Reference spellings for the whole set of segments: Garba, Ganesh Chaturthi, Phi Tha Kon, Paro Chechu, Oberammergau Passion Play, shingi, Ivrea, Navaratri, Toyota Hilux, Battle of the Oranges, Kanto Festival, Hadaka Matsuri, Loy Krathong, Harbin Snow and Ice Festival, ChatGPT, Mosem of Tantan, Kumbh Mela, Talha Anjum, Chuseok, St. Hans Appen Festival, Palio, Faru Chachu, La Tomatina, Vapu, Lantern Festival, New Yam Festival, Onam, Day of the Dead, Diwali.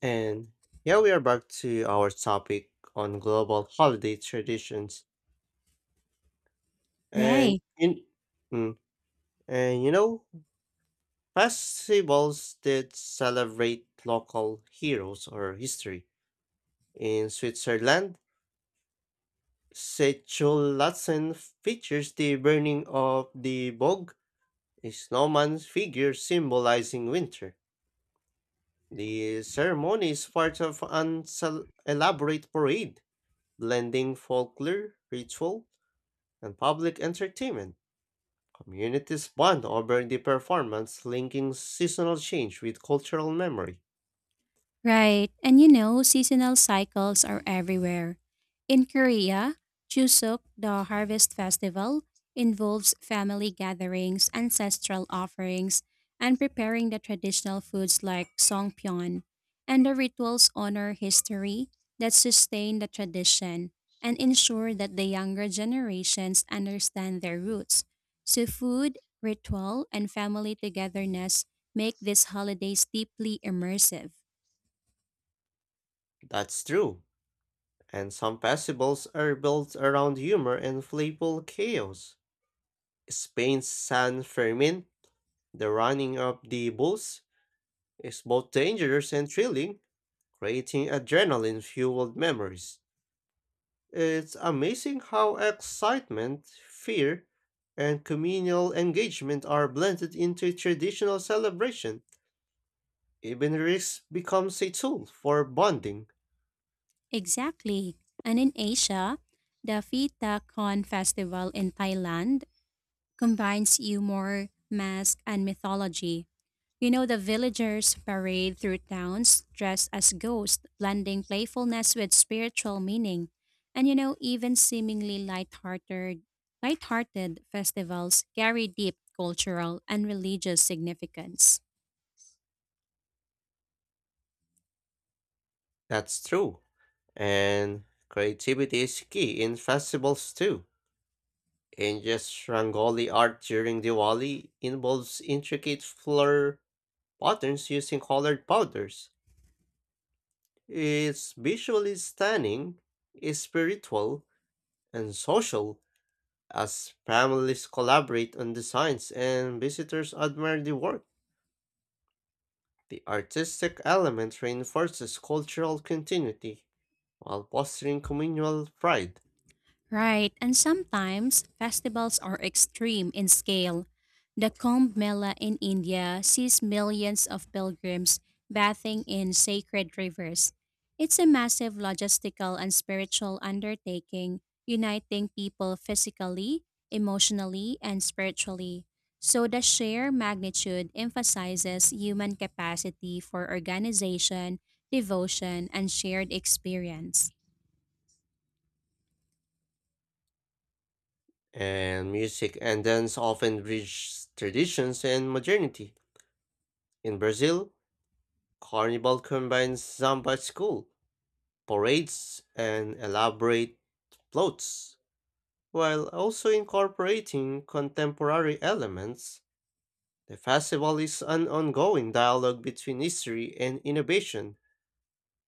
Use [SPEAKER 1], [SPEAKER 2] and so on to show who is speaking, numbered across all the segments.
[SPEAKER 1] And yeah, we are back to our topic on global holiday traditions. And
[SPEAKER 2] Right.
[SPEAKER 1] in mm, and you know, Festivals that celebrate local heroes or history. In Switzerland, Sätschulatzen features the burning of the Bog, a snowman figure symbolizing winter. The ceremony is part of an elaborate parade blending folklore, ritual, and public entertainment. Communities bond over the performance, linking seasonal change with cultural memory.
[SPEAKER 2] Right. And you know, seasonal cycles are everywhere. In Korea, Chuseok, the harvest festival, involves family gatherings, ancestral offerings, and preparing the traditional foods like songpyeon. And the rituals honor history that sustain the tradition and ensure that the younger generations understand their roots. So food, ritual, and family togetherness make these holidays deeply immersive.
[SPEAKER 1] That's true. And some festivals are built around humor and playful chaos. Spain's San Fermin, the running of the bulls, is both dangerous and thrilling, creating adrenaline fueled memories. It's amazing how excitement, fear, and communal engagement are blended into traditional celebration. Even risk becomes a tool for bonding.
[SPEAKER 2] Exactly. And in Asia, the Fita Con festival in Thailand combines humor, mask, and mythology. You know, the villagers parade through towns dressed as ghosts, blending playfulness with spiritual meaning. And you know, even seemingly lighthearted festivals carry deep cultural and religious significance.
[SPEAKER 1] That's true. And creativity is key in festivals too. India's Rangoli art during Diwali involves intricate flower patterns using colored powders. It's visually stunning, is spiritual, and social, as families collaborate on designs and visitors admire the work. The artistic element reinforces cultural continuity while fostering communal pride.
[SPEAKER 2] Right, and sometimes festivals are extreme in scale. The Kumbh Mela in India sees millions of pilgrims bathing in sacred rivers. It's a massive logistical and spiritual undertaking, uniting people physically, emotionally, and spiritually. So the sheer magnitude emphasizes human capacity for organization, devotion, and shared experience.
[SPEAKER 1] And music and dance often bridge traditions and modernity. In Brazil, carnival combines samba school, parades, and elaborate floats, while also incorporating contemporary elements. The festival is an ongoing dialogue between history and innovation,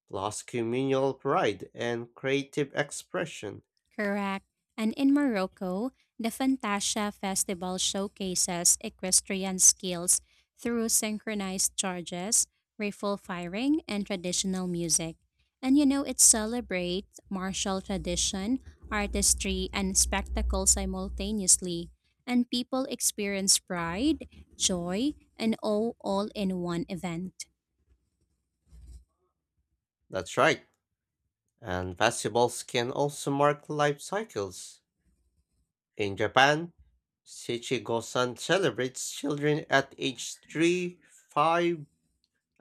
[SPEAKER 1] plus communal pride and creative expression.
[SPEAKER 2] Correct. And in Morocco, the Fantasia Festival showcases equestrian skills through synchronized charges, rifle firing, and traditional music. And you know, it celebrates martial tradition, artistry, and spectacle simultaneously. And people experience pride, joy, and awe all in one event.
[SPEAKER 1] That's right. And vegetables can also mark life cycles. In Japan, Shichigo-san celebrates children at age 3, 5,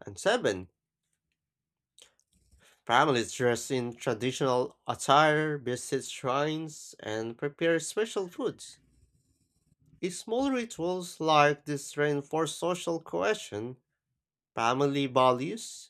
[SPEAKER 1] and 7. Families dress in traditional attire, visit shrines, and prepare special foods. Small rituals like this reinforce social cohesion, family values,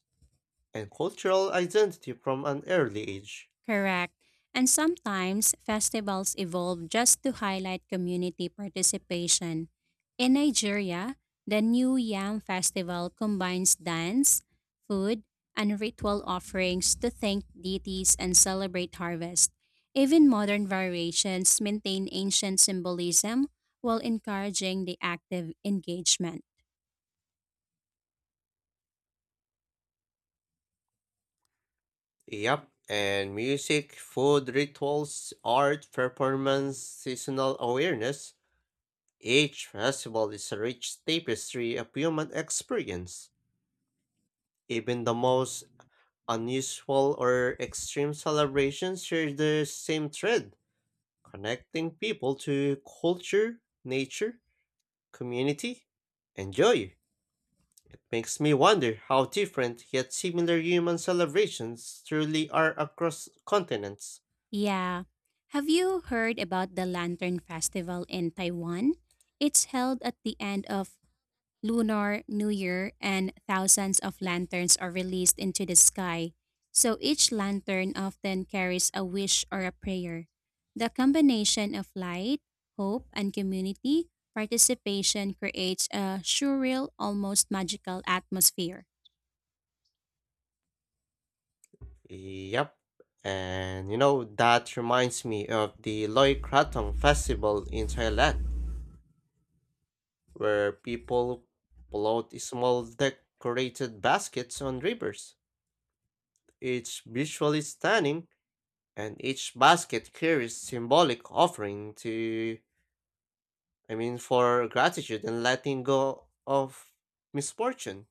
[SPEAKER 1] and cultural identity from an early age.
[SPEAKER 2] Correct. And sometimes festivals evolve just to highlight community participation. In Nigeria, the New Yam Festival combines dance, food, and ritual offerings to thank deities and celebrate harvest. Even modern variations maintain ancient symbolism while encouraging the active engagement.
[SPEAKER 1] Yep, and music, food, rituals, art, performance, seasonal awareness. Each festival is a rich tapestry of human experience. Even the most unusual or extreme celebrations share the same thread, connecting people to culture, nature, community, and joy. It makes me wonder how different yet similar human celebrations truly are across continents.
[SPEAKER 2] Yeah. Have you heard about the Lantern Festival in Taiwan? It's held at the end of Lunar New Year, and thousands of lanterns are released into the sky. So each lantern often carries a wish or a prayer. The combination of light, hope, and community participation creates a surreal, almost magical atmosphere.
[SPEAKER 1] Yep. That reminds me of the Loy Krathong festival in Thailand, where people float small decorated baskets on rivers. It's visually stunning, and each basket carries symbolic offering to, I mean, for gratitude and letting go of misfortune.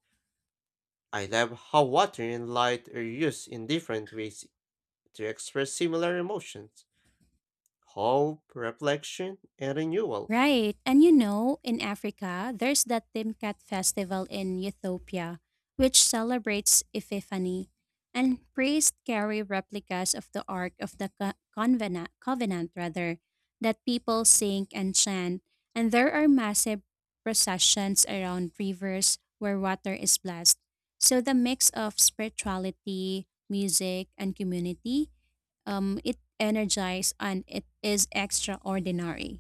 [SPEAKER 1] I love how water and light are used in different ways to express similar emotions. Hope, reflection, and renewal.
[SPEAKER 2] Right. And you know, in Africa, there's that Timkat festival in Ethiopia, which celebrates Epiphany, and priests carry replicas of the Ark of the Co- Convena- Covenant, rather, that people sing and chant. And there are massive processions around rivers where water is blessed. So the mix of spirituality, music, and community, it energizes and it is extraordinary.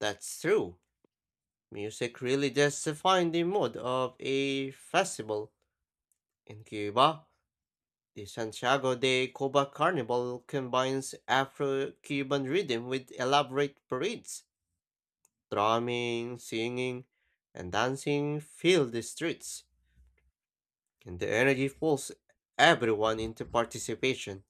[SPEAKER 1] That's true. Music really does define the mood of a festival. In Cuba, the Santiago de Cuba Carnival combines Afro Cuban rhythm with elaborate parades. Drumming, singing, and dancing fill the streets, and the energy pulls everyone into participation.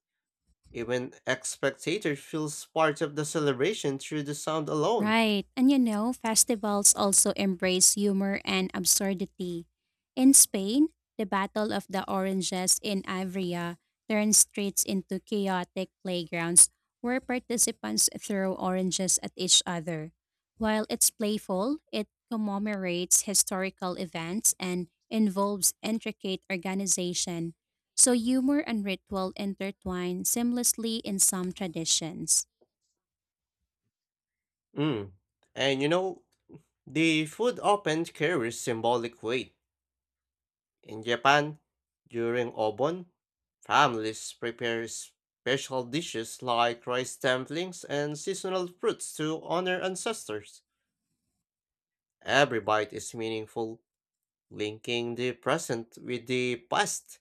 [SPEAKER 1] Even ex spectator feels part of the celebration through the sound alone.
[SPEAKER 2] Right. And you know, festivals also embrace humor and absurdity. In Spain, the Battle of the Oranges in Ivrea turned streets into chaotic playgrounds where participants throw oranges at each other. While it's playful, it commemorates historical events and involves intricate organization. So humor and ritual intertwine seamlessly in some traditions.
[SPEAKER 1] Mm. And you know, the food often carries symbolic weight. In Japan, during Obon, families prepare special dishes like rice dumplings and seasonal fruits to honor ancestors. Every bite is meaningful, linking the present with the past.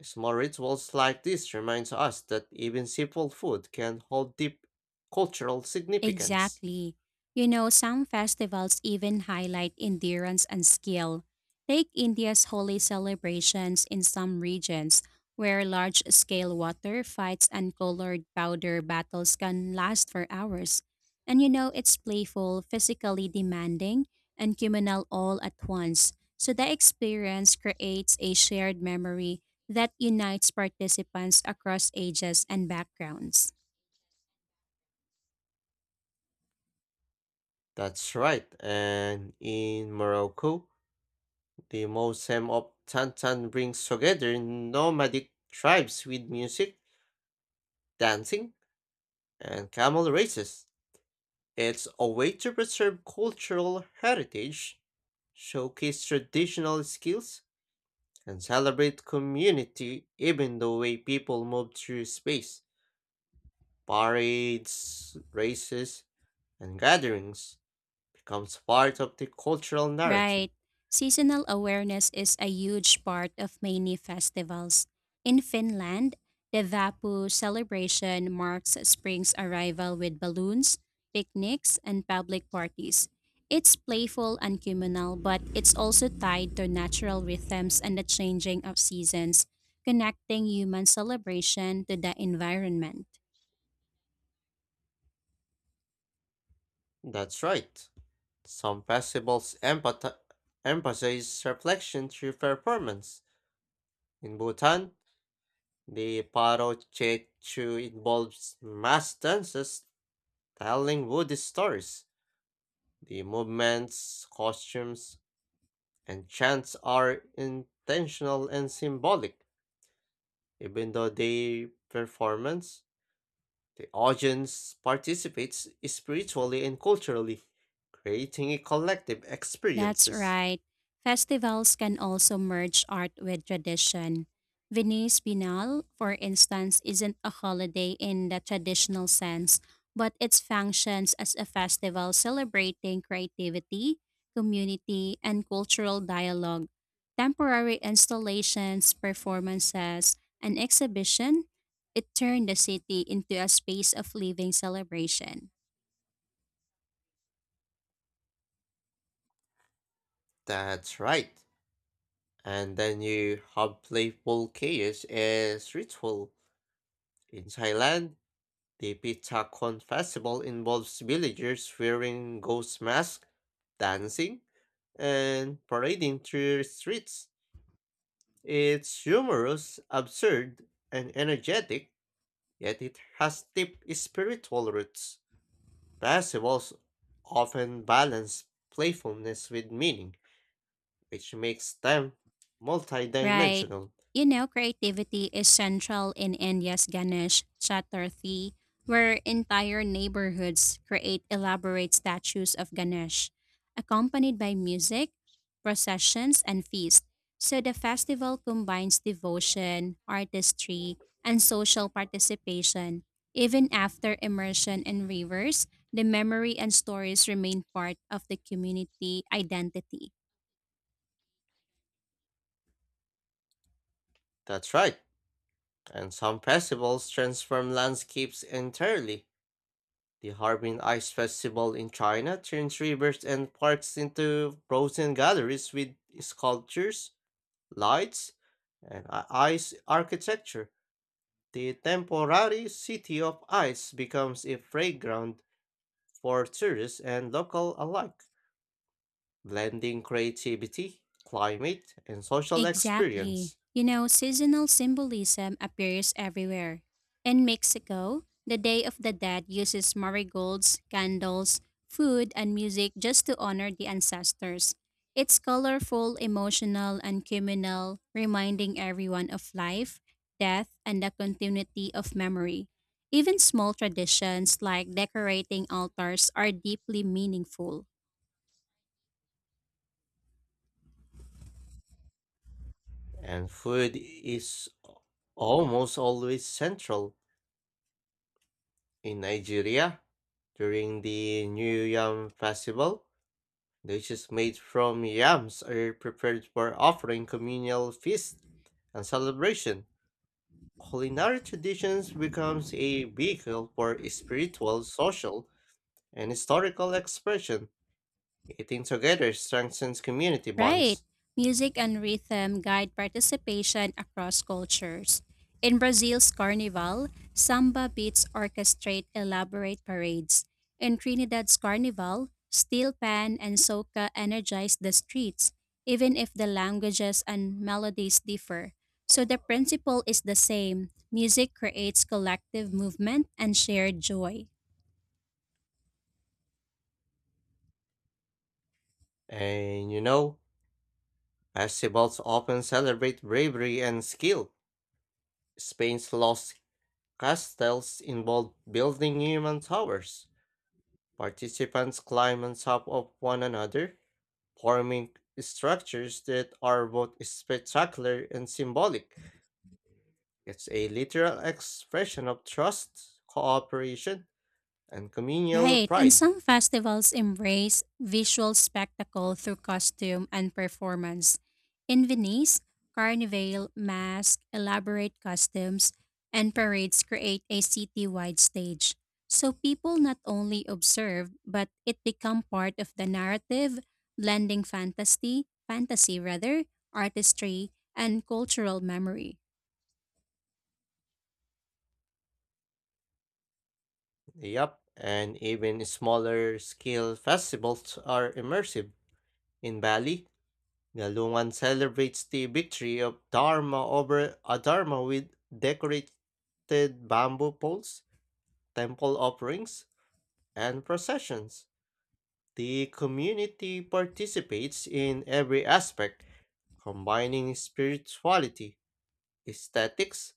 [SPEAKER 1] Small rituals like this reminds us that even simple food can hold deep cultural significance.
[SPEAKER 2] Exactly. You know, some festivals even highlight endurance and skill. Take India's holy celebrations in some regions, where large scale water fights and colored powder battles can last for hours. And you know, it's playful, physically demanding, and communal all at once. So the experience creates a shared memory that unites participants across ages and backgrounds.
[SPEAKER 1] That's right. And in Morocco, the Mosem of Tantan brings together nomadic tribes with music, dancing, and camel races. It's a way to preserve cultural heritage, showcase traditional skills, and celebrate community even the way people move through space. Parades, races, and gatherings becomes part of the cultural narrative.
[SPEAKER 2] Right. Seasonal awareness is a huge part of many festivals. In Finland, the Vapu celebration marks spring's arrival with balloons, picnics, and public parties. It's playful and communal, but it's also tied to natural rhythms and the changing of seasons, connecting human celebration to the environment.
[SPEAKER 1] That's right. Some festivals emphasize reflection through performance. In Bhutan, the Paro Chechu involves mass dances telling Buddhist stories. The movements, costumes, and chants are intentional and symbolic. Even though they performance, the audience participates spiritually and culturally, creating a collective
[SPEAKER 2] That's
[SPEAKER 1] experiences.
[SPEAKER 2] right. Festivals can also merge art with tradition. Venice Biennale, for instance, isn't a holiday in the traditional sense, but it functions as a festival celebrating creativity, community, and cultural dialogue. Temporary installations, performances, and exhibition, it turned the city into a space of living celebration.
[SPEAKER 1] That's right. And then you have playful chaos as ritual. In Thailand, the Pitacon festival involves villagers wearing ghost masks, dancing, and parading through streets. It's humorous, absurd, and energetic, yet it has deep spiritual roots. Festivals often balance playfulness with meaning, which makes them
[SPEAKER 2] Right.
[SPEAKER 1] multidimensional.
[SPEAKER 2] You know, creativity is central in India's Ganesh Chaturthi, where entire neighborhoods create elaborate statues of Ganesh, accompanied by music, processions, and feasts. So the festival combines devotion, artistry, and social participation. Even after immersion in rivers, the memory and stories remain part of the community identity.
[SPEAKER 1] That's right. And some festivals transform landscapes entirely. The Harbin Ice Festival in China turns rivers and parks into frozen galleries with sculptures, lights, and ice architecture. The temporary city of ice becomes a playground for tourists and local alike, blending creativity, climate, and social experience.
[SPEAKER 2] Exactly. You know, seasonal symbolism appears everywhere. In Mexico, the Day of the Dead uses marigolds, candles, food, and music just to honor the ancestors. It's colorful, emotional, and communal, reminding everyone of life, death, and the continuity of memory. Even small traditions like decorating altars are deeply meaningful.
[SPEAKER 1] And food is almost always central. In Nigeria, during the New Yam Festival, dishes made from yams are prepared for offering communal feast and celebration. Culinary traditions becomes a vehicle for spiritual, social, and historical expression. Eating together strengthens community
[SPEAKER 2] Right.
[SPEAKER 1] bonds.
[SPEAKER 2] Music and rhythm guide participation across cultures. In Brazil's carnival, samba beats orchestrate elaborate parades. In Trinidad's carnival, steel pan and soca energize the streets, even if the languages and melodies differ. So the principle is the same music creates collective movement and shared joy.
[SPEAKER 1] And you know, festivals often celebrate bravery and skill. Spain's lost castles involved building human towers. Participants climb on top of one another, forming structures that are both spectacular and symbolic. It's a literal expression of trust, cooperation, and communal
[SPEAKER 2] Right, and
[SPEAKER 1] pride.
[SPEAKER 2] some festivals embrace visual spectacle through costume and performance. In Venice, carnival, mask, elaborate costumes, and parades create a city-wide stage. So people not only observe, but it become part of the narrative, blending fantasy, artistry, and cultural memory.
[SPEAKER 1] Yep, and even smaller scale festivals are immersive. In Bali, Galungan celebrates the victory of Dharma over Adharma with decorated bamboo poles, temple offerings, and processions. The community participates in every aspect, combining spirituality, aesthetics,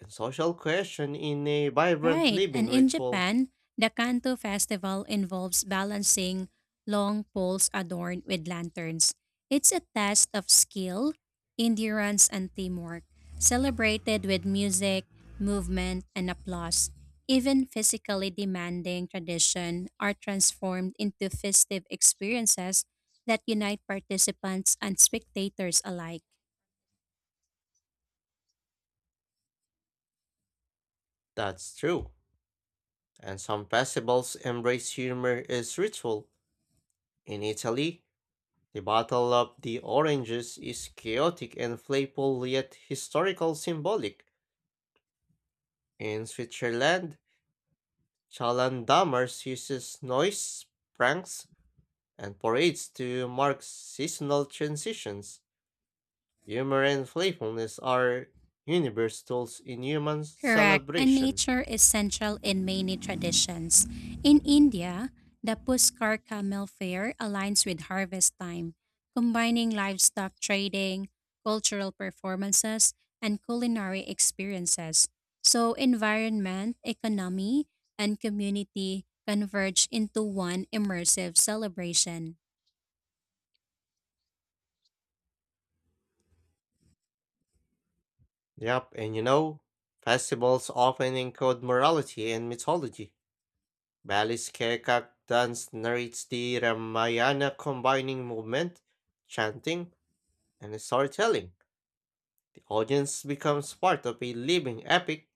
[SPEAKER 1] and social question in a vibrant
[SPEAKER 2] Right.
[SPEAKER 1] living
[SPEAKER 2] And in
[SPEAKER 1] ritual.
[SPEAKER 2] Japan, the Kanto Festival involves balancing long poles adorned with lanterns. It's a test of skill, endurance, and teamwork, celebrated with music, movement, and applause. Even physically demanding tradition are transformed into festive experiences that unite participants and spectators alike.
[SPEAKER 1] That's true. And some festivals embrace humor as ritual. In Italy, the Battle of the Oranges is chaotic and playful yet historical symbolic. In Switzerland, Chalandammers uses noise, pranks, and parades to mark seasonal transitions. Humor and playfulness are universal tools in human
[SPEAKER 2] Correct. And
[SPEAKER 1] celebration.
[SPEAKER 2] nature is central in many traditions. In India, the Puskar Camel Fair aligns with harvest time, combining livestock trading, cultural performances, and culinary experiences. So, environment, economy, and community converge into one immersive celebration.
[SPEAKER 1] Yep, and you know, festivals often encode morality and mythology. Balis Kekak dance narrates the Ramayana combining movement, chanting, and storytelling. The audience becomes part of a living epic,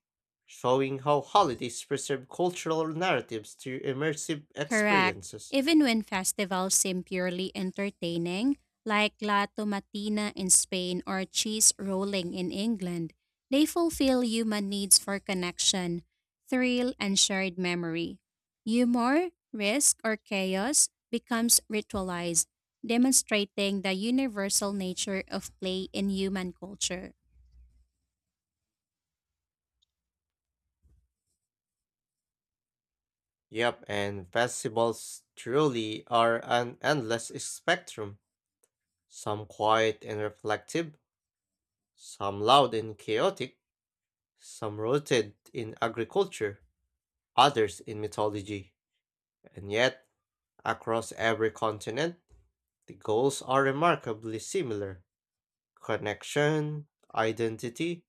[SPEAKER 1] showing how holidays preserve cultural narratives through immersive
[SPEAKER 2] Correct.
[SPEAKER 1] experiences.
[SPEAKER 2] Even when festivals seem purely entertaining, like La Tomatina in Spain or Cheese Rolling in England, they fulfill human needs for connection, thrill, and shared memory. Humor, risk, or chaos becomes ritualized, demonstrating the universal nature of play in human culture.
[SPEAKER 1] Yep, and festivals truly are an endless spectrum. Some quiet and reflective, some loud and chaotic, some rooted in agriculture, others in mythology. And yet, across every continent, the goals are remarkably similar. Connection, identity,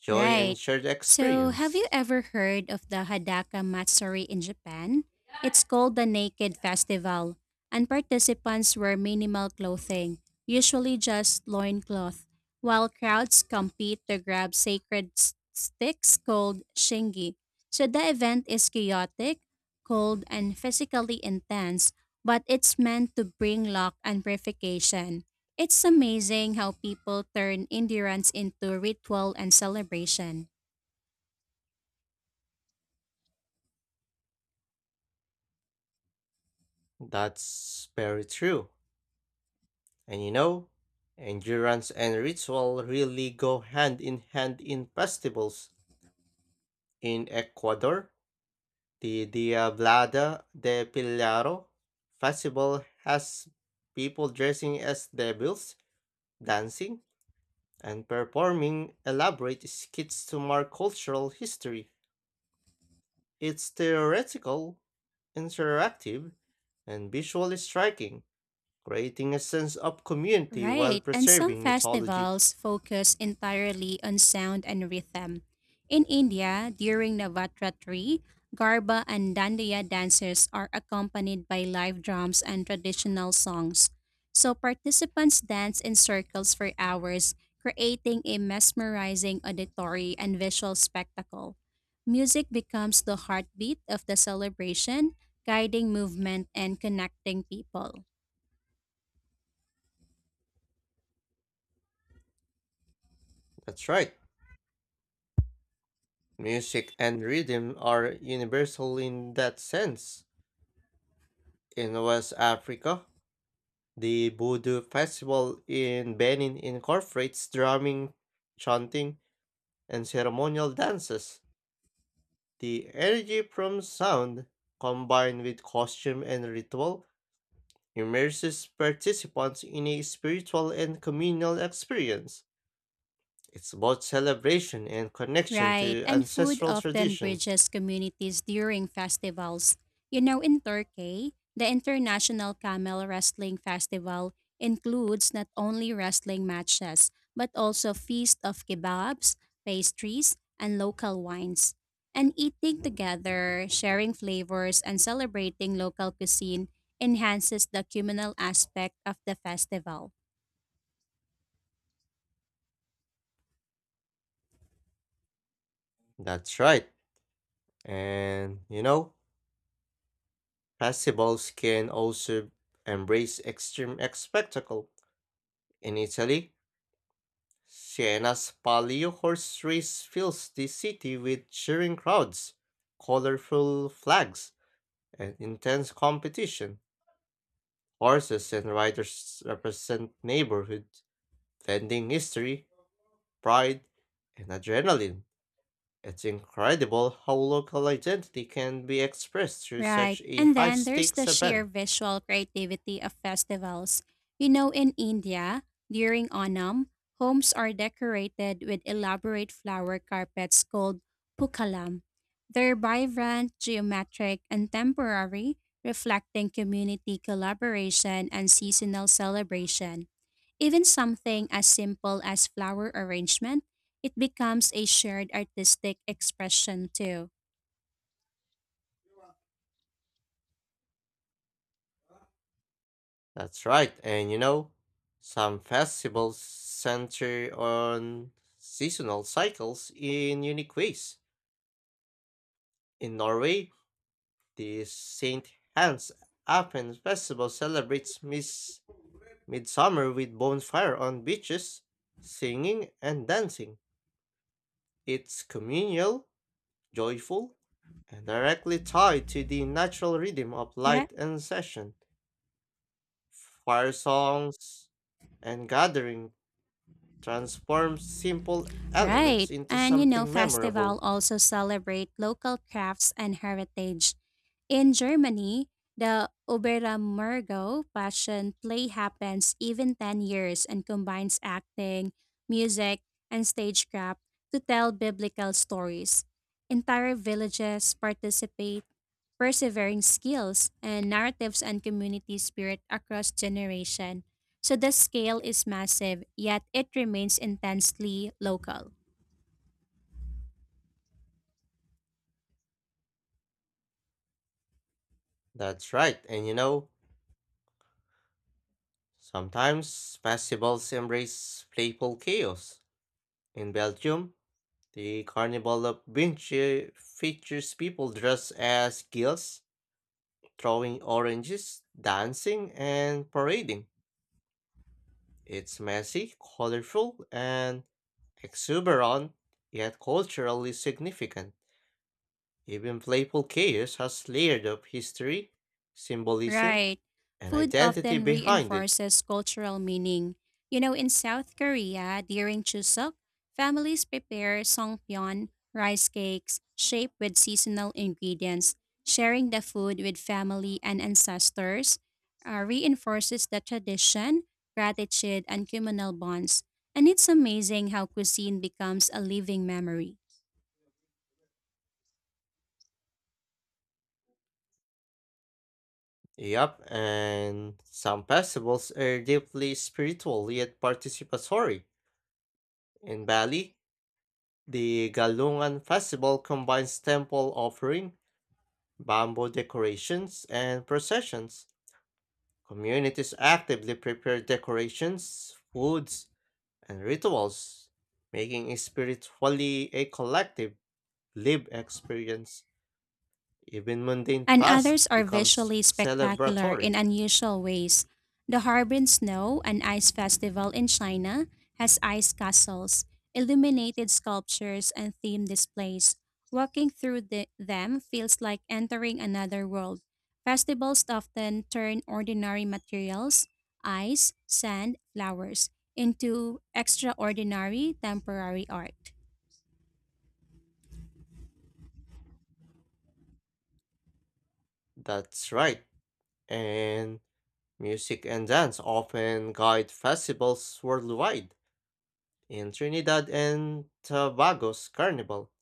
[SPEAKER 1] joy, and
[SPEAKER 2] Right.
[SPEAKER 1] shared
[SPEAKER 2] So, have you
[SPEAKER 1] experience.
[SPEAKER 2] ever heard of the Hadaka Matsuri in Japan? It's called the Naked Festival, and participants wear minimal clothing, usually just loincloth, while crowds compete to grab sacred s- sticks called shingi. So, the event is chaotic, cold, and physically intense, but it's meant to bring luck and purification. It's amazing how people turn endurance into ritual and celebration.
[SPEAKER 1] That's very true. And you know, endurance and ritual really go hand in hand in festivals. In Ecuador, the Diablada de Pilaro festival has people dressing as devils, dancing, and performing elaborate skits to mark cultural history. It's theoretical, interactive, and visually striking, creating a sense of community while
[SPEAKER 2] Right, and some
[SPEAKER 1] preserving mythology.
[SPEAKER 2] festivals focus entirely on sound and rhythm. In India, during Navaratri, Garba and Dandiya dances are accompanied by live drums and traditional songs. So participants dance in circles for hours, creating a mesmerizing auditory and visual spectacle. Music becomes the heartbeat of the celebration, guiding movement and connecting people.
[SPEAKER 1] That's right. Music and rhythm are universal in that sense. In West Africa, the Voodoo Festival in Benin incorporates drumming, chanting, and ceremonial dances. The energy from sound, combined with costume and ritual, immerses participants in a spiritual and communal experience. It's both celebration and connection
[SPEAKER 2] Right,
[SPEAKER 1] to
[SPEAKER 2] and food
[SPEAKER 1] ancestral
[SPEAKER 2] often
[SPEAKER 1] traditions.
[SPEAKER 2] bridges communities during festivals. You know, in Turkey, the International Camel Wrestling Festival includes not only wrestling matches, but also feast of kebabs, pastries, and local wines. And eating together, sharing flavors, and celebrating local cuisine enhances the communal aspect of the festival.
[SPEAKER 1] That's right. And you know, festivals can also embrace extreme spectacle. In Italy, Siena's Palio horse race fills the city with cheering crowds, colorful flags, and intense competition. Horses and riders represent neighborhood, blending history, pride, and adrenaline. It's incredible how local identity can be expressed through such
[SPEAKER 2] Right.
[SPEAKER 1] a
[SPEAKER 2] And
[SPEAKER 1] high
[SPEAKER 2] then there's the
[SPEAKER 1] stakes
[SPEAKER 2] sheer
[SPEAKER 1] event.
[SPEAKER 2] visual creativity of festivals. You know, in India, during Onam, homes are decorated with elaborate flower carpets called pukalam. They're vibrant, geometric, and temporary, reflecting community collaboration and seasonal celebration. Even something as simple as flower arrangement, it becomes a shared artistic expression too.
[SPEAKER 1] That's right. And you know, some festivals center on seasonal cycles in unique ways. In Norway, the St. Hans Appen Festival celebrates midsummer with bonfire on beaches, singing and dancing. It's communal, joyful, and directly tied to the natural rhythm of
[SPEAKER 2] Right.
[SPEAKER 1] light and session. Fire songs and gathering transform simple elements
[SPEAKER 2] Right.
[SPEAKER 1] into
[SPEAKER 2] And you know,
[SPEAKER 1] something
[SPEAKER 2] festival
[SPEAKER 1] memorable.
[SPEAKER 2] also celebrate local crafts and heritage. In Germany, the Oberammergau Passion Play happens even 10 years and combines acting, music, and stagecraft to tell biblical stories. Entire villages participate, persevering skills and narratives and community spirit across generation. So the scale is massive, yet it remains intensely local.
[SPEAKER 1] That's right. And you know, sometimes festivals embrace playful chaos. In Belgium, the Carnival of Vinci features people dressed as gills, throwing oranges, dancing, and parading. It's messy, colorful, and exuberant, yet culturally significant. Even playful chaos has layered of history, symbolism,
[SPEAKER 2] Right.
[SPEAKER 1] an
[SPEAKER 2] Food
[SPEAKER 1] identity
[SPEAKER 2] often
[SPEAKER 1] behind it.
[SPEAKER 2] reinforces cultural meaning. You know, in South Korea, during Chuseok, families prepare songpyeon, rice cakes, shaped with seasonal ingredients. Sharing the food with family and ancestors reinforces the tradition, gratitude, and communal bonds. And it's amazing how cuisine becomes a living memory.
[SPEAKER 1] Yep, and some festivals are deeply spiritual yet participatory. In Bali, the Galungan Festival combines temple offering, bamboo decorations, and processions. Communities actively prepare decorations, foods, and rituals, making it spiritually a collective lived experience. Even mundane
[SPEAKER 2] And
[SPEAKER 1] tasks
[SPEAKER 2] others are
[SPEAKER 1] becomes
[SPEAKER 2] visually spectacular
[SPEAKER 1] celebratory.
[SPEAKER 2] in unusual ways. The Harbin Snow and Ice Festival in China has ice castles, illuminated sculptures, and themed displays. Walking through them feels like entering another world. Festivals often turn ordinary materials, ice, sand, flowers, into extraordinary temporary art.
[SPEAKER 1] That's right. And music and dance often guide festivals worldwide. In Trinidad and Tobago's carnival,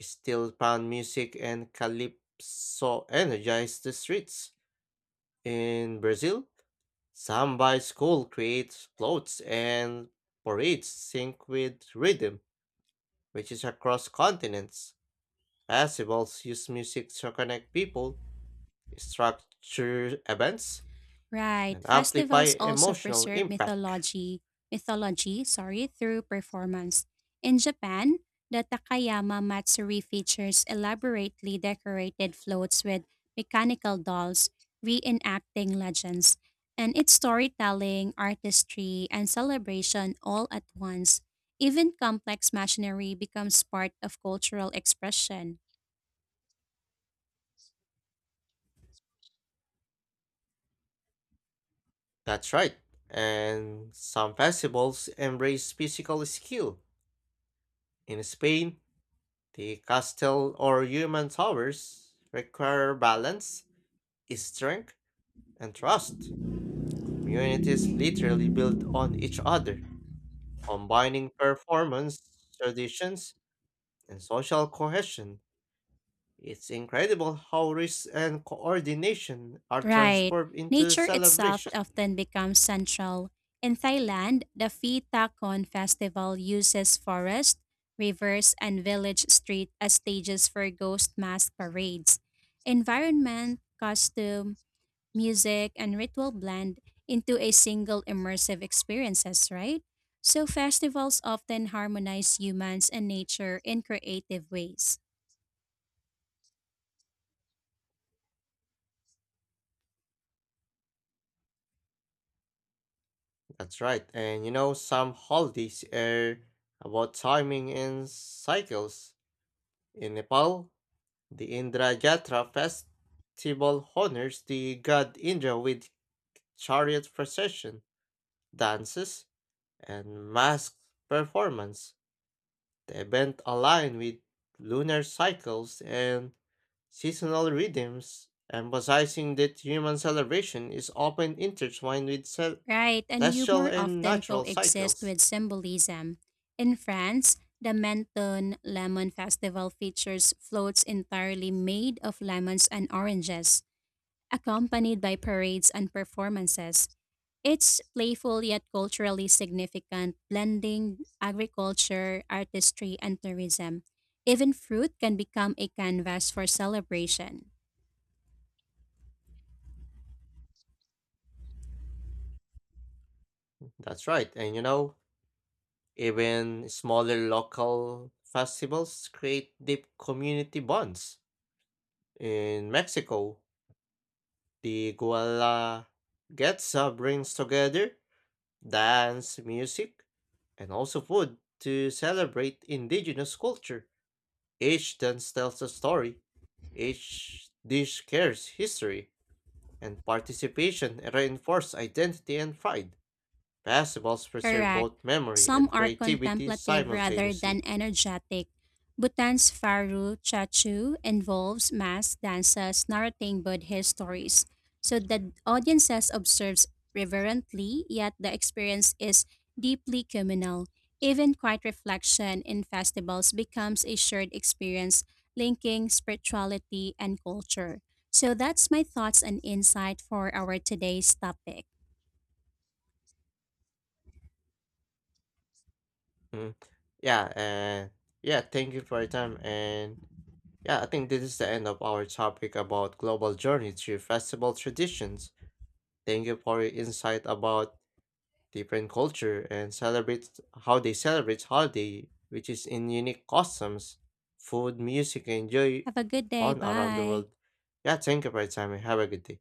[SPEAKER 1] steel pan music and calypso energize the streets. In Brazil, samba school creates floats and parades sync with rhythm, which is across continents. Festivals use music to connect people, structure events,
[SPEAKER 2] Right.
[SPEAKER 1] and amplify
[SPEAKER 2] Festivals also
[SPEAKER 1] emotional
[SPEAKER 2] preserve
[SPEAKER 1] impact.
[SPEAKER 2] mythology through performance. In Japan, the Takayama Matsuri features elaborately decorated floats with mechanical dolls reenacting legends, and it's storytelling, artistry, and celebration all at once. Even complex machinery becomes part of cultural expression.
[SPEAKER 1] That's right. And some festivals embrace physical skill. In Spain, the castle or human towers require balance, strength, and trust. Communities literally build on each other, combining performance, traditions, and social cohesion. It's incredible how risk and coordination are
[SPEAKER 2] Right.
[SPEAKER 1] transformed into
[SPEAKER 2] Nature itself
[SPEAKER 1] celebration.
[SPEAKER 2] often becomes central. In Thailand, the Phi Tha Kon festival uses forest, rivers, and village street as stages for ghost mask parades. Environment, costume, music, and ritual blend into a single immersive experiences, right? So festivals often harmonize humans and nature in creative ways.
[SPEAKER 1] That's right. And you know, some holidays are about timing and cycles. In Nepal, the Indra Jatra festival honors the god Indra with chariot procession, dances, and mask performance. The event aligns with lunar cycles and seasonal rhythms, emphasizing that human celebration is often intertwined with
[SPEAKER 2] Right, and
[SPEAKER 1] celestial
[SPEAKER 2] humor
[SPEAKER 1] and
[SPEAKER 2] often
[SPEAKER 1] natural
[SPEAKER 2] coexist
[SPEAKER 1] cycles.
[SPEAKER 2] with symbolism. In France, the Menton Lemon Festival features floats entirely made of lemons and oranges, accompanied by parades and performances. It's playful yet culturally significant, blending agriculture, artistry, and tourism. Even fruit can become a canvas for celebration.
[SPEAKER 1] That's right. And you know, even smaller local festivals create deep community bonds. In Mexico, the Guelaguetza brings together dance, music, and also food to celebrate indigenous culture. Each dance tells a story, each dish carries history, and participation reinforces identity and pride. Festivals preserve
[SPEAKER 2] Correct.
[SPEAKER 1] both memory
[SPEAKER 2] Some
[SPEAKER 1] and
[SPEAKER 2] are
[SPEAKER 1] creativity
[SPEAKER 2] contemplative rather than
[SPEAKER 1] simultaneously.
[SPEAKER 2] energetic. Bhutan's Faru Chachu involves mass dances narrating Buddhist stories, so the audiences observes reverently, yet the experience is deeply communal. Even quiet reflection in festivals becomes a shared experience linking spirituality and culture. So that's my thoughts and insight for our today's topic.
[SPEAKER 1] Mhm. Yeah, and yeah, thank you for your time. I think this is the end of our topic about global journey through festival traditions. Thank you for your insight about different culture and celebrate how they celebrate holiday, which is in unique customs, food, music, and joy
[SPEAKER 2] Have a good day.
[SPEAKER 1] on around the
[SPEAKER 2] Bye.
[SPEAKER 1] world. Yeah, thank you for your time and have a good day.